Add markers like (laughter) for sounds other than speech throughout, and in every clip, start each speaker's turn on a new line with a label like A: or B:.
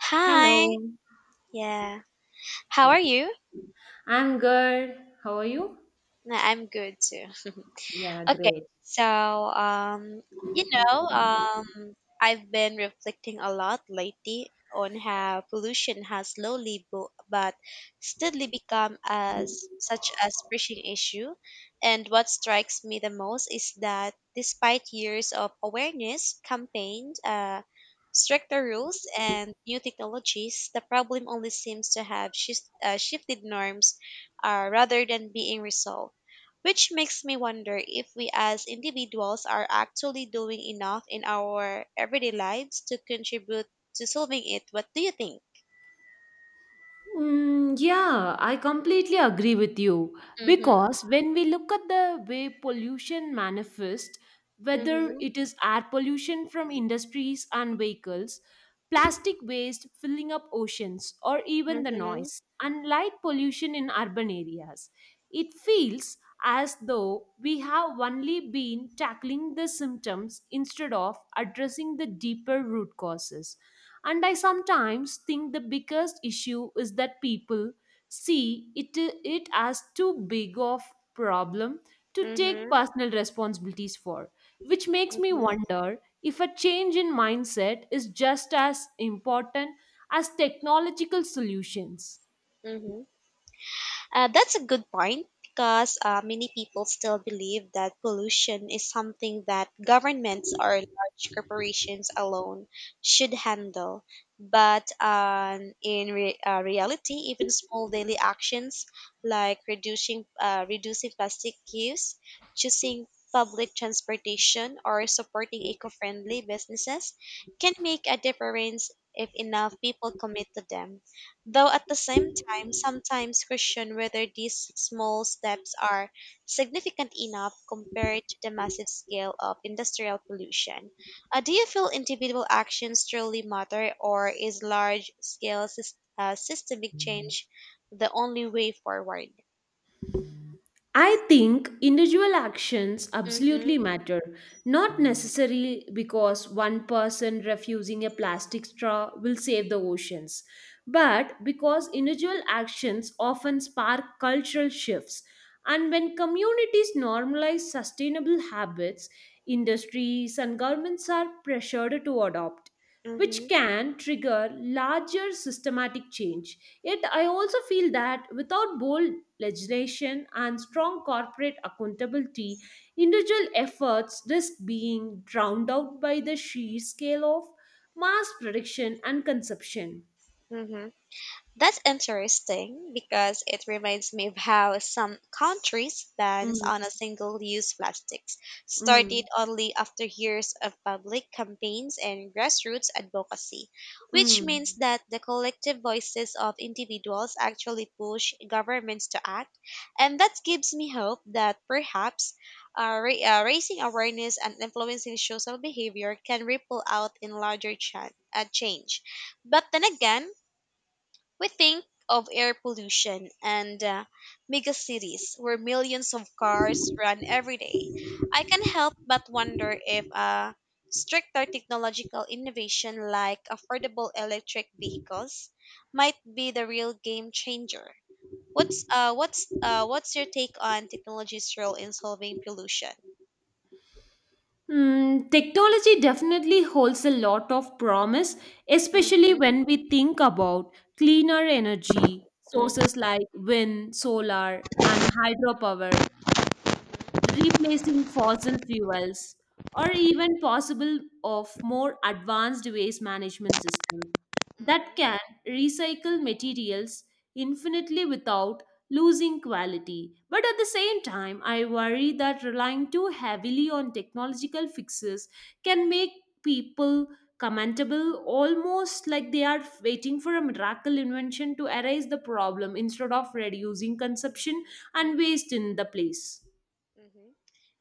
A: Hi.
B: Hello.
A: Yeah. How are
B: Yes,
A: you?
B: I'm good. How are you?
A: No, I'm good too.
B: Yeah,
A: Okay,
B: great.
A: so um, you know, um, I've been reflecting a lot lately on how pollution has slowly but steadily become as such a pressing issue. And what strikes me the most is that despite years of awareness campaigns, stricter rules, and new technologies, the problem only seems to have shifted norms rather than being resolved, which makes me wonder if we as individuals are actually doing enough in our everyday lives to contribute to solving it. What do you think?
B: Yeah, I completely agree with you,
A: Mm-hmm.
B: because when we look at the way pollution manifests, whether
A: Mm-hmm.
B: it is air pollution from industries and vehicles, plastic waste filling up oceans, or even the
A: Mm-hmm.
B: noise, and light pollution in urban areas, it feels as though we have only been tackling the symptoms instead of addressing the deeper root causes. And I sometimes think the biggest issue is that people see it as too big of problem to take
A: Mm-hmm.
B: personal responsibilities for, which makes me wonder if a change in mindset is just as important as technological solutions.
A: Mm-hmm. That's a good point because many people still believe that pollution is something that governments or large corporations alone should handle. But in reality, even small daily actions like reducing plastic use, choosing public transportation, or supporting eco-friendly businesses can make a difference if enough people commit to them. Though at the same I'm sometimes question whether these small steps are significant enough compared to the massive scale of industrial pollution. Do you feel individual actions truly matter, or is large scale systemic change the only way forward?
B: I think individual actions absolutely
A: Mm-hmm.
B: matter, not necessarily because one person refusing a plastic straw will save the oceans, but because individual actions often spark cultural shifts. And when communities normalize sustainable habits, industries and governments are pressured to adopt, which
A: Mm-hmm.
B: can trigger larger systematic change. Yet, I also feel that without bold legislation and strong corporate accountability, individual efforts risk being drowned out by the sheer scale of mass production and consumption.
A: Mm-hmm. That's interesting because it reminds me of how some countries bans
B: Mm,
A: on a single-use plastics started
B: mm,
A: only after years of public campaigns and grassroots advocacy, which means
B: mm.
A: that the collective voices of individuals actually push governments to act, and that gives me hope that perhaps raising awareness and influencing social behavior can ripple out in larger change. But then again, we think of air pollution and megacities where millions of cars run every day. I can help but wonder if stricter technological innovation like affordable electric vehicles might be the real game changer. What's your take on technology's role in solving pollution?
B: Technology definitely holds a lot of promise, especially
A: Mm-hmm.
B: when we think about cleaner energy
A: Mm-hmm.
B: sources like wind, solar, and hydropower,
A: Mm-hmm.
B: replacing fossil fuels, or even possible of more advanced waste management systems that
A: Mm-hmm.
B: can recycle materials infinitely without losing quality. But at the same time, I worry that relying too heavily on technological fixes can make people commendable, almost like they are waiting for a miracle invention to erase the problem instead of reducing consumption and waste in the place.
A: Mm-hmm.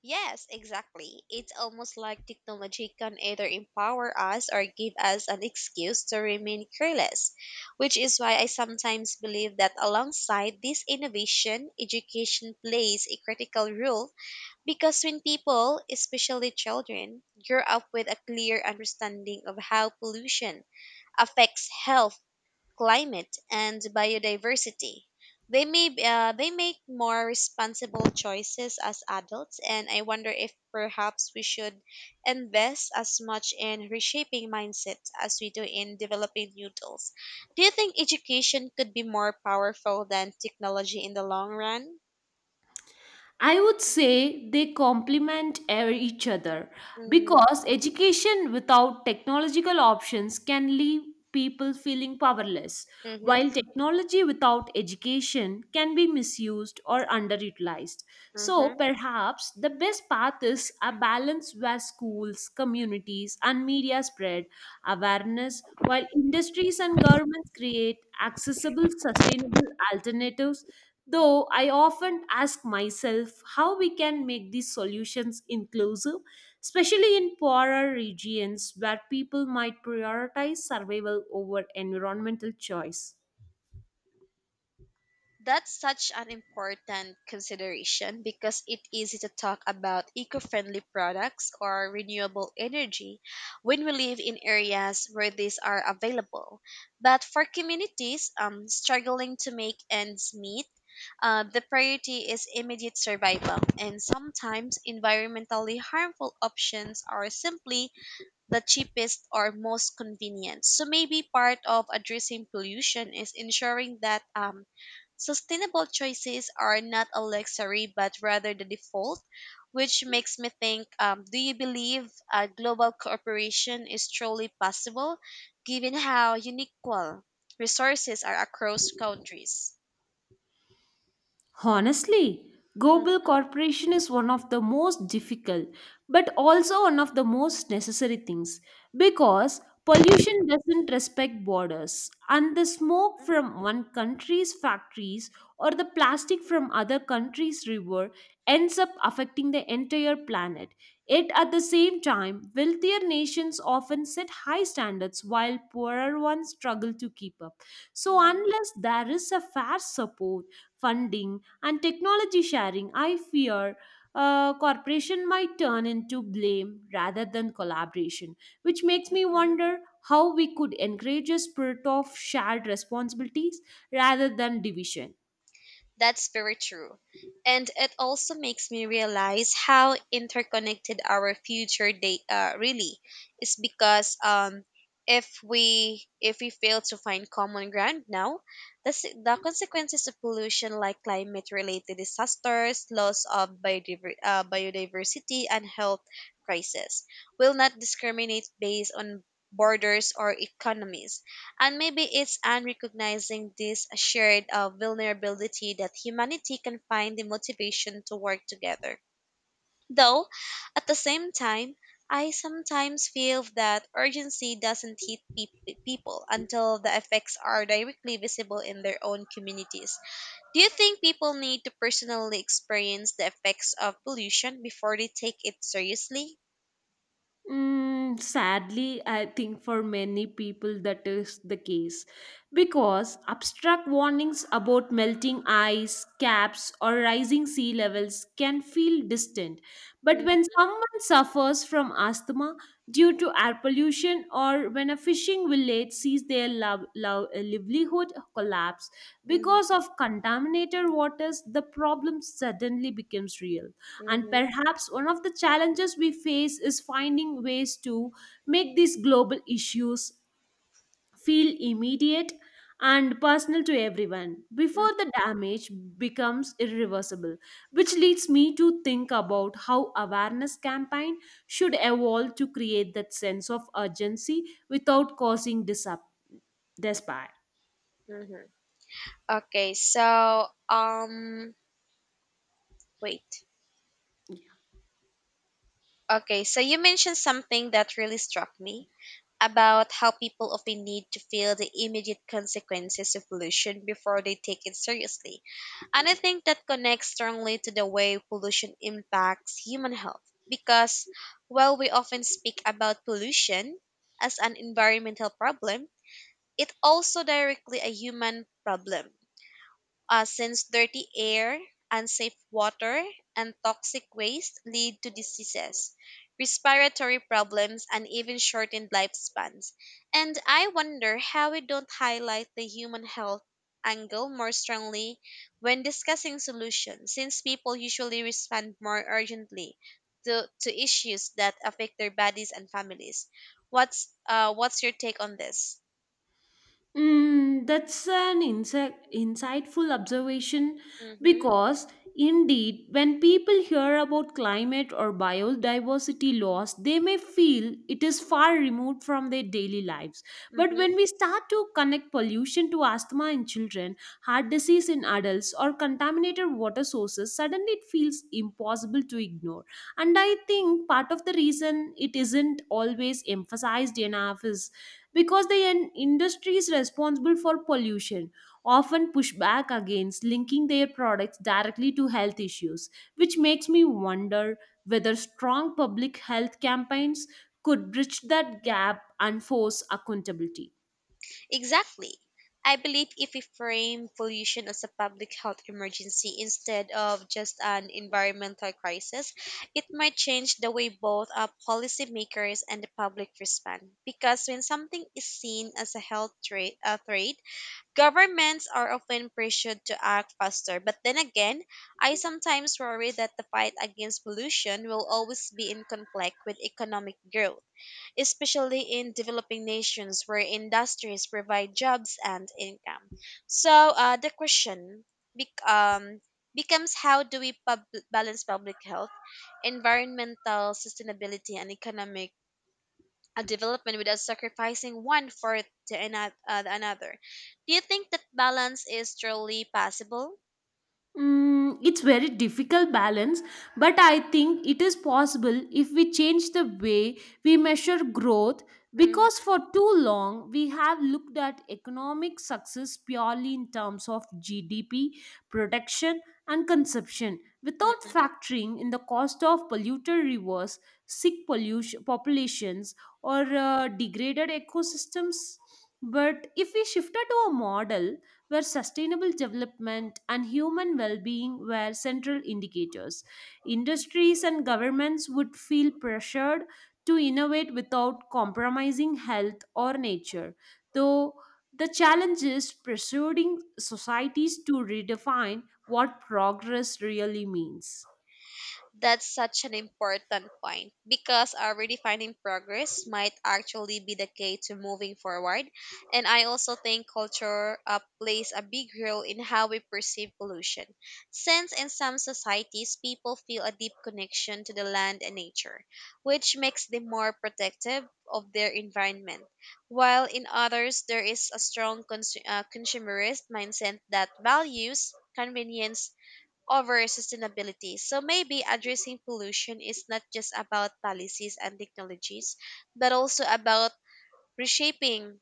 A: Yes, exactly. It's almost like technology can either empower us or give us an excuse to remain careless, which is why I sometimes believe that alongside this innovation, education plays a critical role because when people, especially children, grow up with a clear understanding of how pollution affects health, climate, and biodiversity. They may b- they make more responsible choices as adults, and I wonder if perhaps we should invest as much in reshaping mindsets as we do in developing new tools. Do you think education could be more powerful than technology in the long run?
B: I would say they complement each other,
A: Mm-hmm.
B: because education without technological options can leave people feeling powerless,
A: Mm-hmm.
B: while technology without education can be misused or underutilized. So,
A: Mm-hmm.
B: perhaps the best path is a balance where schools, communities, and media spread awareness, while industries and governments create accessible, sustainable alternatives. Though I often ask myself how we can make these solutions inclusive, especially in poorer regions where people might prioritize survival over environmental choice.
A: That's such an important consideration because it's easy to talk about eco friendly products or renewable energy when we live in areas where these are available. But for communities struggling to make ends meet, the priority is immediate survival, and sometimes environmentally harmful options are simply the cheapest or most convenient. So maybe part of addressing pollution is ensuring that sustainable choices are not a luxury but rather the default, which makes me think do you believe global cooperation is truly possible given how unequal resources are across countries?
B: Honestly, global
A: Hmm.
B: cooperation is one of the most difficult but also one of the most necessary things, because pollution doesn't respect borders and the smoke from one country's factories or the plastic from other country's river ends up affecting the entire planet. Yet at the same time, wealthier nations often set high standards while poorer ones struggle to keep up. So
A: Hmm.
B: unless there is a fair support funding and technology sharing, I fear corporation might turn into blame rather than collaboration, which makes me wonder how we could encourage a spirit of shared responsibilities rather than division.
A: That's very true. And it also makes me realize how interconnected our future data really is because if we fail to find common ground now, the consequences of pollution like climate related disasters, loss of biodiversity, and health crisis will not discriminate based on borders or economies, and maybe it's an recognizing this shared vulnerability that humanity can find the motivation to work together. Though, at the same time, I sometimes feel that urgency doesn't hit people until the effects are directly visible in their own communities. Do you think people need to personally experience the effects of pollution before they take it seriously?
B: Sadly, I think for many people that is the case, because abstract warnings about melting ice, caps, or rising sea levels can feel distant. But
A: Mhm.
B: when someone suffers from asthma due to air pollution, or when a fishing village sees their love, livelihood collapse because
A: Mhm.
B: of contaminated waters, the problem suddenly becomes real. And
A: Mhm.
B: perhaps one of the challenges we face is finding ways to make these global issues feel immediate and personal to everyone before
A: Mhm.
B: the damage becomes irreversible, which leads me to think about how awareness campaign should evolve to create that sense of urgency without causing despair.
A: Mhm. Okay, so wait. Okay, so you mentioned something that really struck me about how people often need to feel the immediate consequences of pollution before they take it seriously. And I think that connects strongly to the way pollution impacts human health. Because while we often speak about pollution as an environmental problem, it's also directly a human problem since dirty air, unsafe water, and toxic waste lead to diseases, respiratory problems, and even shortened lifespans. And I wonder how we don't highlight the human health angle more strongly when discussing solutions, since people usually respond more urgently to issues that affect their bodies and families. What's your take on this?
B: That's an insightful observation,
A: Mm-hmm.
B: because, indeed, when people hear about climate or biodiversity loss, they may feel it is far removed from their daily lives. But
A: Mm-hmm.
B: when we start to connect pollution to asthma in children, heart disease in adults, or contaminated water sources, suddenly it feels impossible to ignore. And I think part of the reason it isn't always emphasized enough is because the industries responsible for pollution often push back against linking their products directly to health issues, which makes me wonder whether strong public health campaigns could bridge that gap and force accountability.
A: Exactly. I believe if we frame pollution as a public health emergency instead of just an environmental crisis, it might change the way both our policymakers and the public respond. Because when something is seen as a health threat, a threat, governments are often pressured to act faster. But then again, I sometimes worry that the fight against pollution will always be in conflict with economic growth, especially in developing nations where industries provide jobs and income. So the question bec- um, becomes, how do we balance public health, environmental sustainability, and economic development without sacrificing one for the another? Do you think that balance is truly possible?
B: It's very difficult balance, but I think it is possible if we change the way we measure growth, because
A: Mm-hmm.
B: for too long we have looked at economic success purely in terms of GDP, production, and consumption without factoring in the cost of polluter rivers, sick pollution populations, or degraded ecosystems. But if we shifted to a model where sustainable development and human well being were central indicators. Industries and governments would feel pressured to innovate without compromising health or nature, though the challenge is persuading societies to redefine what progress really means.
A: That's such an important point because our redefining progress might actually be the key to moving forward. And I also think culture plays a big role in how we perceive pollution, since in some societies people feel a deep connection to the land and nature, which makes them more protective of their environment, while in others there is a strong consumerist mindset that values convenience over sustainability. So maybe addressing pollution is not just about policies and technologies, but also about reshaping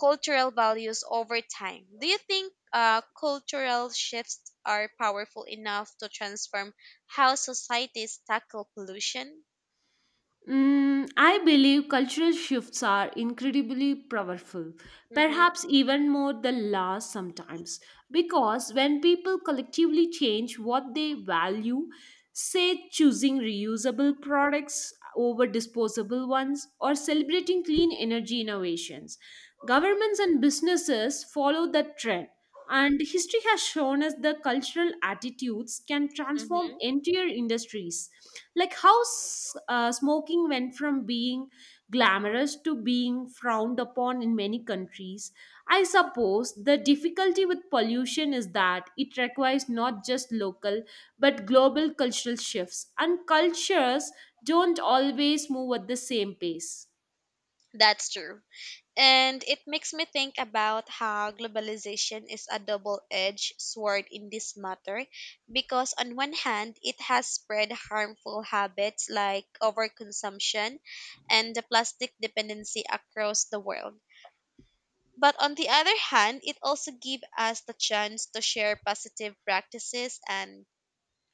A: cultural values over time. Do you think cultural shifts are powerful enough to transform how societies tackle pollution?
B: I believe cultural shifts are incredibly powerful,
A: Mm-hmm.
B: perhaps even more than laws sometimes, because when people collectively change what they value, say choosing reusable products over disposable ones or celebrating clean energy innovations, governments and businesses follow that trend, and history has shown us the cultural attitudes can transform
A: Mm-hmm.
B: entire industries. Like how smoking went from being glamorous to being frowned upon in many countries. I suppose the difficulty with pollution is that it requires not just local but global cultural shifts, and cultures don't always move at the same pace.
A: That's true. And it makes me think about how globalization is a double edged sword in this matter because, on one hand, it has spread harmful habits like overconsumption and the plastic dependency across the world. But on the other hand, it also gives us the chance to share positive practices and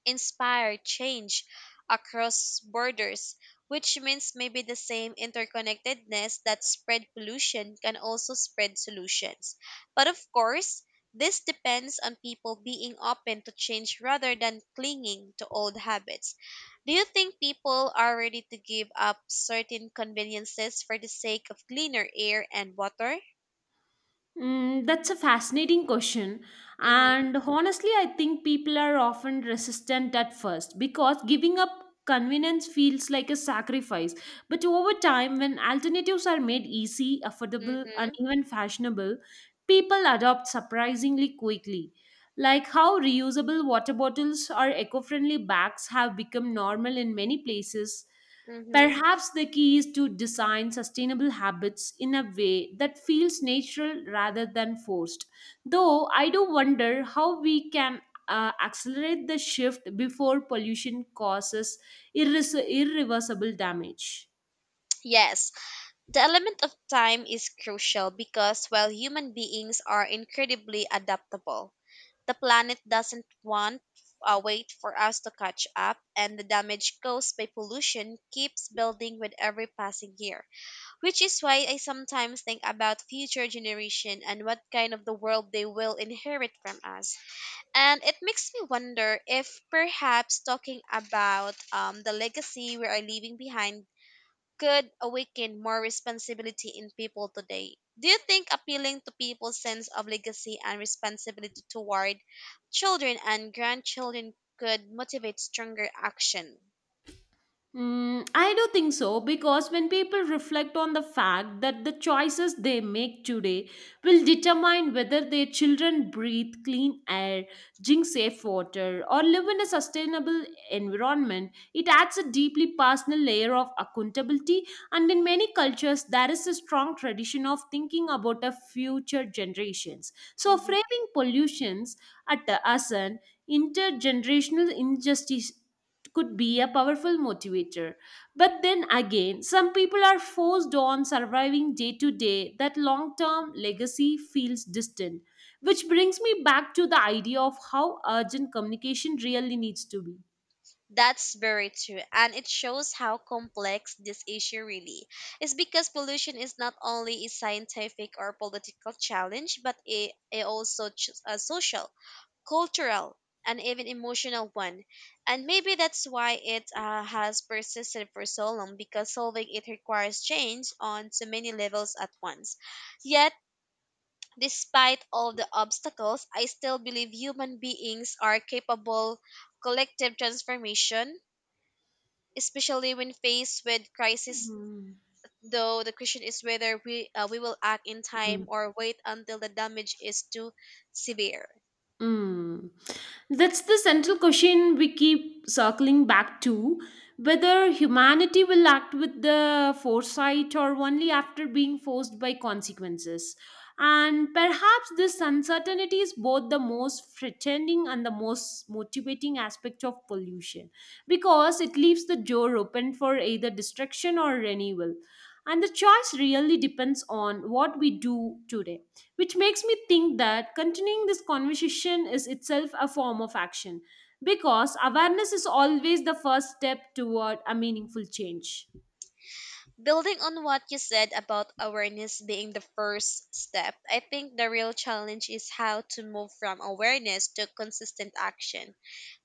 A: inspire change across borders, which means maybe the same interconnectedness that spread pollution can also spread solutions. But of course, this depends on people being open to change rather than clinging to old habits. Do you think people are ready to give up certain conveniences for the sake of cleaner air and water?
B: That's a fascinating question.
A: Mm-hmm.
B: And honestly, I think people are often resistant at first because giving up convenience feels like a sacrifice. But over time, when alternatives are made easy, affordable, and
A: Mm-hmm.
B: even fashionable, people adopt surprisingly quickly. Like how reusable water bottles or eco friendly bags have become normal in many places.
A: Mm-hmm.
B: Perhaps the key is to design sustainable habits in a way that feels natural rather than forced. Though I do wonder how we can accelerate the shift before pollution causes irreversible damage.
A: Yes, the element of time is crucial because while human beings are incredibly adaptable, the planet doesn't want wait for us to catch up, and the damage caused by pollution keeps building with every passing year. Which is why I sometimes think about future generation and what kind of the world they will inherit from us. And it makes me wonder if perhaps talking about the legacy we are leaving behind could awaken more responsibility in people today. Do you think appealing to people's sense of legacy and responsibility toward children and grandchildren could motivate stronger action?
B: I do think so, because when people reflect on the fact that the choices they make today will determine whether their children breathe clean air, drink safe water, or live in a sustainable environment, it adds a deeply personal layer of accountability. And in many cultures, there is a strong tradition of thinking about the future generations. So,
A: Mhm.
B: framing pollutions as an intergenerational injustice could be a powerful motivator. But then again, some people are forced on surviving day to day, that long term legacy feels distant. Which brings me back to the idea of how urgent communication really needs to be.
A: That's very true, and it shows how complex this issue really is because pollution is not only a scientific or political challenge, but a also a social, cultural, and even emotional one. And maybe that's why it has persisted for so long because solving it requires change on so many levels at once. Yet, despite all the obstacles, I still believe human beings are capable collective transformation, especially when faced with crisis.
B: Hmm.
A: Though the question is whether we will act in time or wait until the damage is too severe.
B: Mm. That's the central question we keep circling back to, whether humanity will act with the foresight or only after being forced by consequences. And perhaps this uncertainty is both the most threatening and the most motivating aspect of pollution, because it leaves the door open for either destruction or renewal. And the choice really depends on what we do today, which makes me think that continuing this conversation is itself a form of action, because awareness is always the first step toward a meaningful change.
A: Building on what you said about awareness being the first step, I think the real challenge is how to move from awareness to consistent action.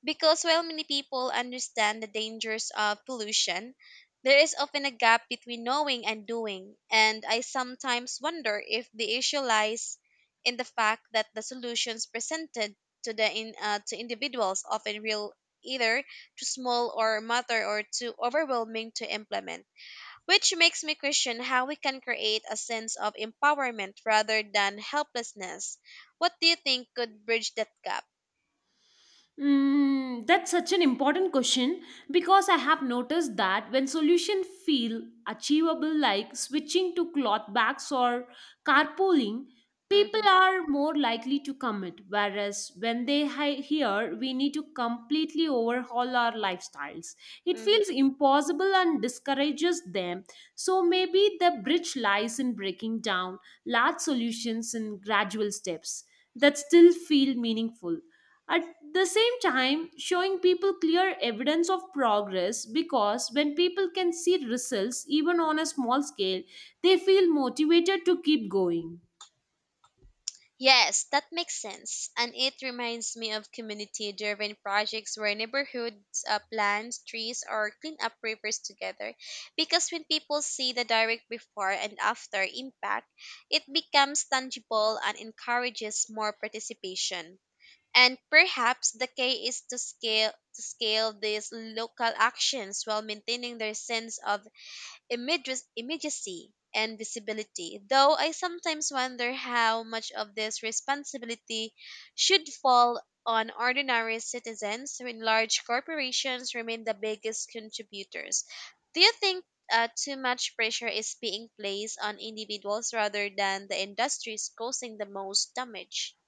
A: Because while many people understand the dangers of pollution, there is often a gap between knowing and doing, and I sometimes wonder if the issue lies in the fact that the solutions presented to individuals often feel either too small or matter or too overwhelming to implement, which makes me question how we can create a sense of empowerment rather than helplessness. What do you think could bridge that gap?
B: That's such an important question, because I have noticed that when solutions feel achievable, like switching to cloth bags or carpooling, people
A: Hmm.
B: are more likely to commit. Whereas when they hear we need to completely overhaul our lifestyles, it feels
A: Hmm.
B: impossible and discourages them. So maybe the bridge lies in breaking down large solutions in gradual steps that still feel meaningful at the same time, showing people clear evidence of progress, because when people can see results, even on a small scale, they feel motivated to keep going.
A: Yes, that makes sense. And it reminds me of community driven projects where neighborhoods plant trees or clean up rivers together. Because when people see the direct before and after impact, it becomes tangible and encourages more participation. And perhaps the key is to scale these local actions while maintaining their sense of immediacy and visibility. Though I sometimes wonder how much of this responsibility should fall on ordinary citizens when large corporations remain the biggest contributors. Do you think too much pressure is being placed on individuals rather than the industries causing the most damage?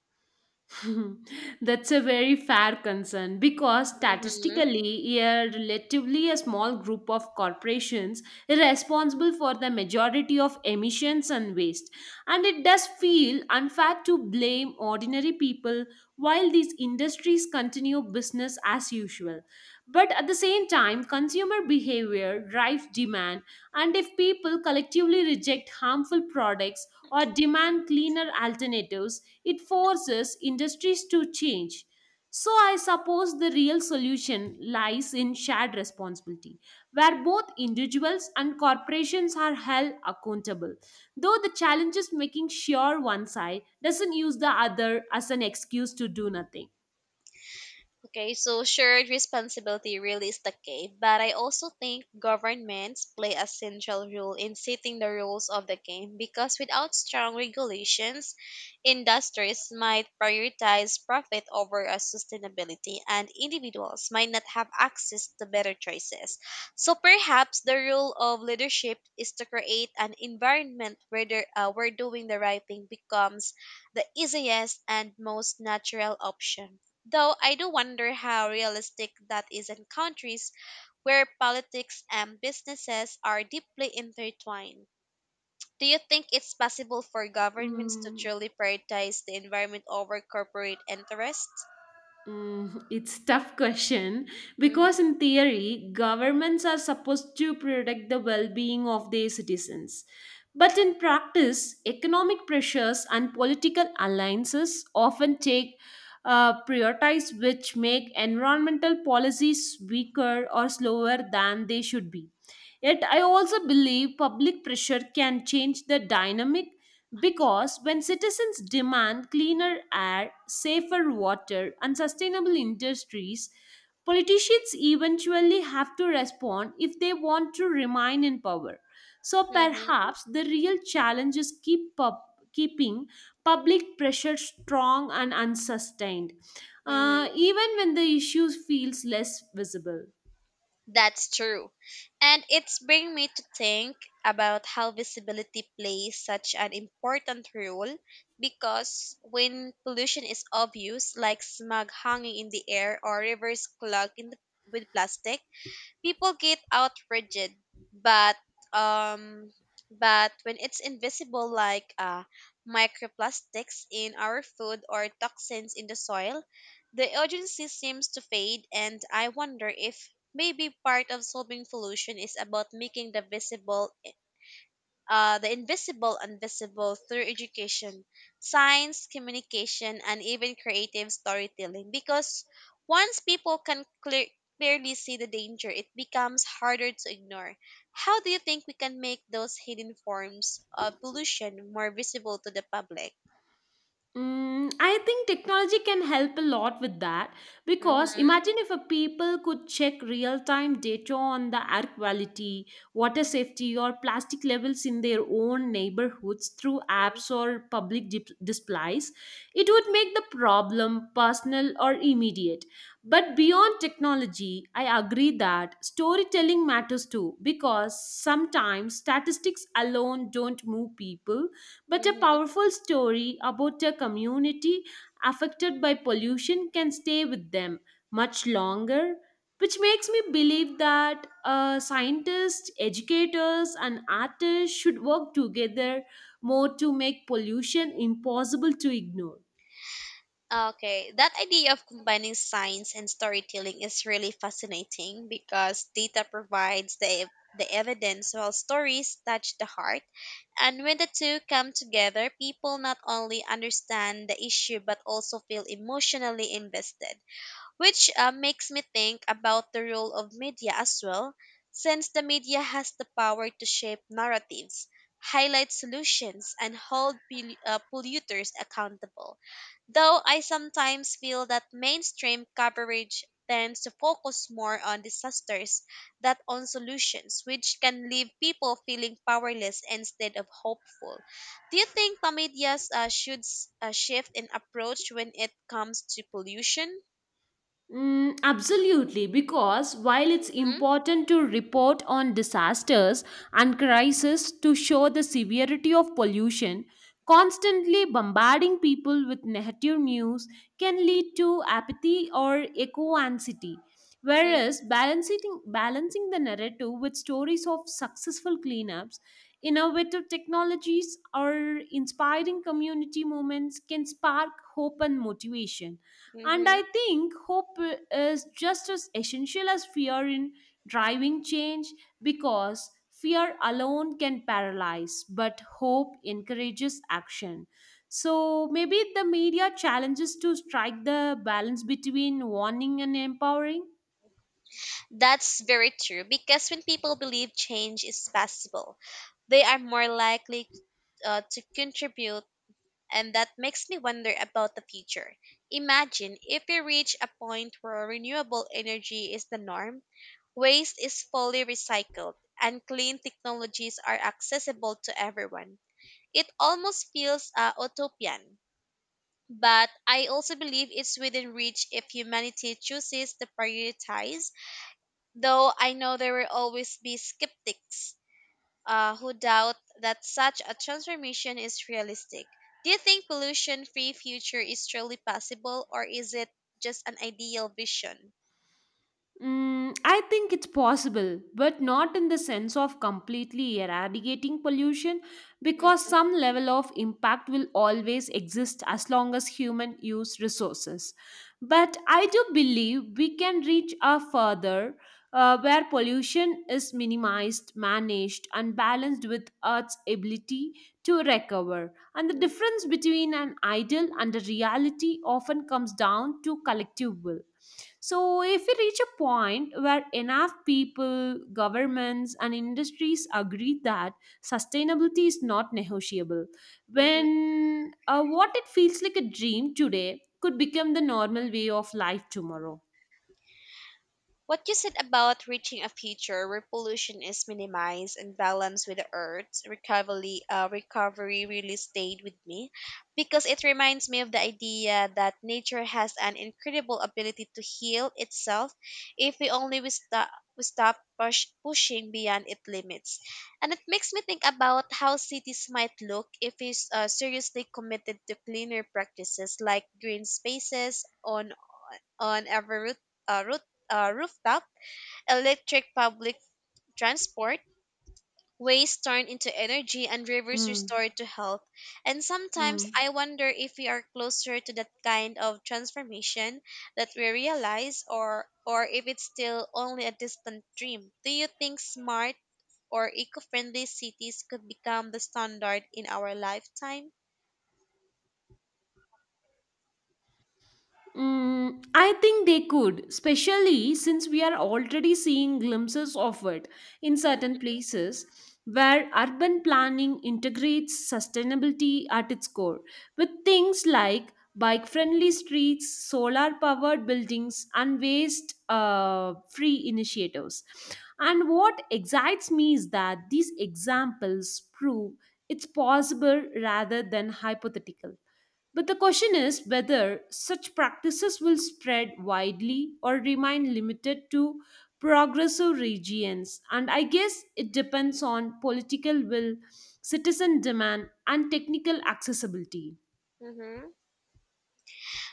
B: (laughs) That's a very fair concern because
A: hmm
B: statistically, a relatively a small group of corporations is responsible for the majority of emissions and waste. And it does feel unfair to blame ordinary people while these industries continue business as usual. But at the same time, consumer behavior drives demand, and if people collectively reject harmful products, or demand cleaner alternatives, it forces industries to change. So, I suppose the real solution lies in shared responsibility, where both individuals and corporations are held accountable. Though the challenge is making sure one side doesn't use the other as an excuse to do nothing.
A: Okay, so shared responsibility really is the key, but I also think governments play a central role in setting the rules of the game because without strong regulations, industries might prioritize profit over sustainability, and individuals might not have access to better choices. So perhaps the role of leadership is to create an environment where, where doing the right thing becomes the easiest and most natural option. Though I do wonder how realistic that is in countries where politics and businesses are deeply intertwined. Do you think it's possible for governments to
B: Mm.
A: truly prioritize the environment over corporate interests?
B: It's tough question,
A: Mm-hmm.
B: because in theory governments are supposed to protect the well-being of their citizens, but in practice economic pressures and political alliances often take prioritize, which make environmental policies weaker or slower than they should be. Yet I also believe public pressure can change the dynamic, because when citizens demand cleaner air, safer water, and sustainable industries, politicians eventually have to respond if they want to remain in power. So
A: Mm-hmm.
B: perhaps the real challenge is keeping public pressure strong and unsustained, even when the issue feels less visible.
A: That's true. And it's bring me to think about how visibility plays such an important role, because when pollution is obvious, like smog hanging in the air or rivers clogged in the, with plastic, people get outraged, but um, but when it's invisible, like microplastics in our food or toxins in the soil, the urgency seems to fade. And I wonder if maybe part of solving pollution is about making the visible the invisible invisible through education, science, communication, and even creative storytelling. Because once people can clearly see the danger, it becomes harder to ignore. How do you think we can make those hidden forms of pollution more visible to the public?
B: I think technology can help a lot with that, because
A: Mm-hmm.
B: imagine if a people could check real time data on the air quality, water safety, or plastic levels in their own neighborhoods through apps or public displays, it would make the problem personal or immediate. But beyond technology, I agree that storytelling matters too, because sometimes statistics alone don't move people, but a
A: Mm-hmm.
B: powerful story about a community affected by pollution can stay with them much longer, which makes me believe that scientists, educators, and artists should work together more to make pollution impossible to ignore.
A: Okay, that idea of combining science and storytelling is really fascinating because data provides the evidence, while stories touch the heart. And when the two come together, people not only understand the issue but also feel emotionally invested, which makes me think about the role of media as well, since the media has the power to shape narratives, highlight solutions, and hold polluters accountable. Though I sometimes feel that mainstream coverage tends to focus more on disasters than on solutions, which can leave people feeling powerless instead of hopeful. Do you think the media shift in approach when it comes to pollution?
B: Absolutely, because while it's
A: Mhm.
B: important to report on disasters and crises to show the severity of pollution, constantly bombarding people with negative news can lead to apathy or eco anxiety. Whereas balancing the narrative with stories of successful cleanups, innovative technologies, or inspiring community movements can spark hope and motivation. And I
A: Mm-hmm.
B: think hope is just as essential as fear in driving change, because fear alone can paralyze, but hope encourages action. So maybe the media challenges to strike the balance between warning and empowering.
A: That's very true, because when people believe change is possible, they are more likely to contribute, and that makes me wonder about the future. Imagine if we reach a point where renewable energy is the norm, waste is fully recycled, and clean technologies are accessible to everyone. It almost feels utopian. But I also believe it's within reach if humanity chooses to prioritize, though I know there will always be skeptics who doubt that such a transformation is realistic. Do you think pollution free future is truly possible, or is it just an ideal vision?
B: I think it's possible, but not in the sense of completely eradicating pollution, because
A: hmm
B: some level of impact will always exist as long as human use resources. But I do believe we can reach a further where pollution is minimized, managed, and balanced with Earth's ability to recover. And the difference between an ideal and a reality often comes down to collective will. So, if we reach a point where enough people, governments, and industries agree that sustainability is not negotiable,
A: hmm
B: when what it feels like a dream today could become the normal way of life tomorrow.
A: What you said about reaching a future where pollution is minimized and balanced with the Earth's recovery really stayed with me, because it reminds me of the idea that nature has an incredible ability to heal itself if we only pushing beyond its limits. And it makes me think about how cities might look if we seriously committed to cleaner practices, like green spaces on on every root, uh, root, rooftop, electric public transport, waste turned into energy, and rivers
B: Mm,
A: restored to health. And sometimes
B: mm.
A: I wonder if we are closer to that kind of transformation that we realize, or if it's still only a distant dream. Do you think smart or eco-friendly cities could become the standard in our lifetime?
B: I think they could, especially since we are already seeing glimpses of it in certain places where urban planning integrates sustainability at its core, with things like bike friendly streets, solar powered buildings, and waste free initiatives. And what excites me is that these examples prove it's possible rather than hypothetical. But the question is whether such practices will spread widely or remain limited to progressive regions. And I guess it depends on political will, citizen demand, and technical accessibility.
A: Mm-hmm.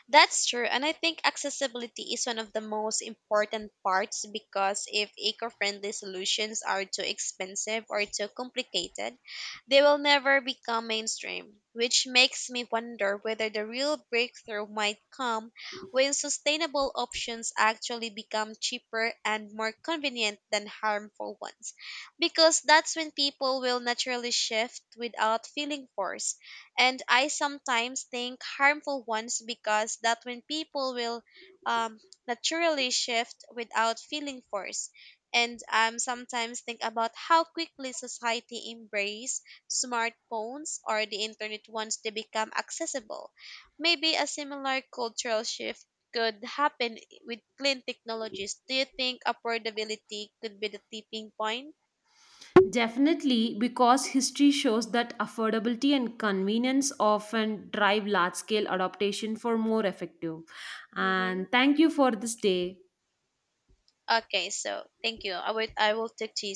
A: That's true. And I think accessibility is one of the most important parts, because if eco friendly solutions are too expensive or too complicated, they will never become mainstream, which makes me wonder whether the real breakthrough might come when sustainable options actually become cheaper and more convenient than harmful ones. Because that's when people will naturally shift without feeling forced. And I sometimes think harmful ones, because that when people will um, naturally shift without feeling forced. And sometimes think about how quickly society embrace smartphones or the internet once they become accessible. Maybe a similar cultural shift could happen with clean technologies. Do you think affordability could be the tipping point?
B: Definitely, because history shows that affordability and convenience often drive large scale adaptation for more effective.
A: Mm-hmm.
B: And thank you for this day.
A: Okay, so thank you. I will take to you.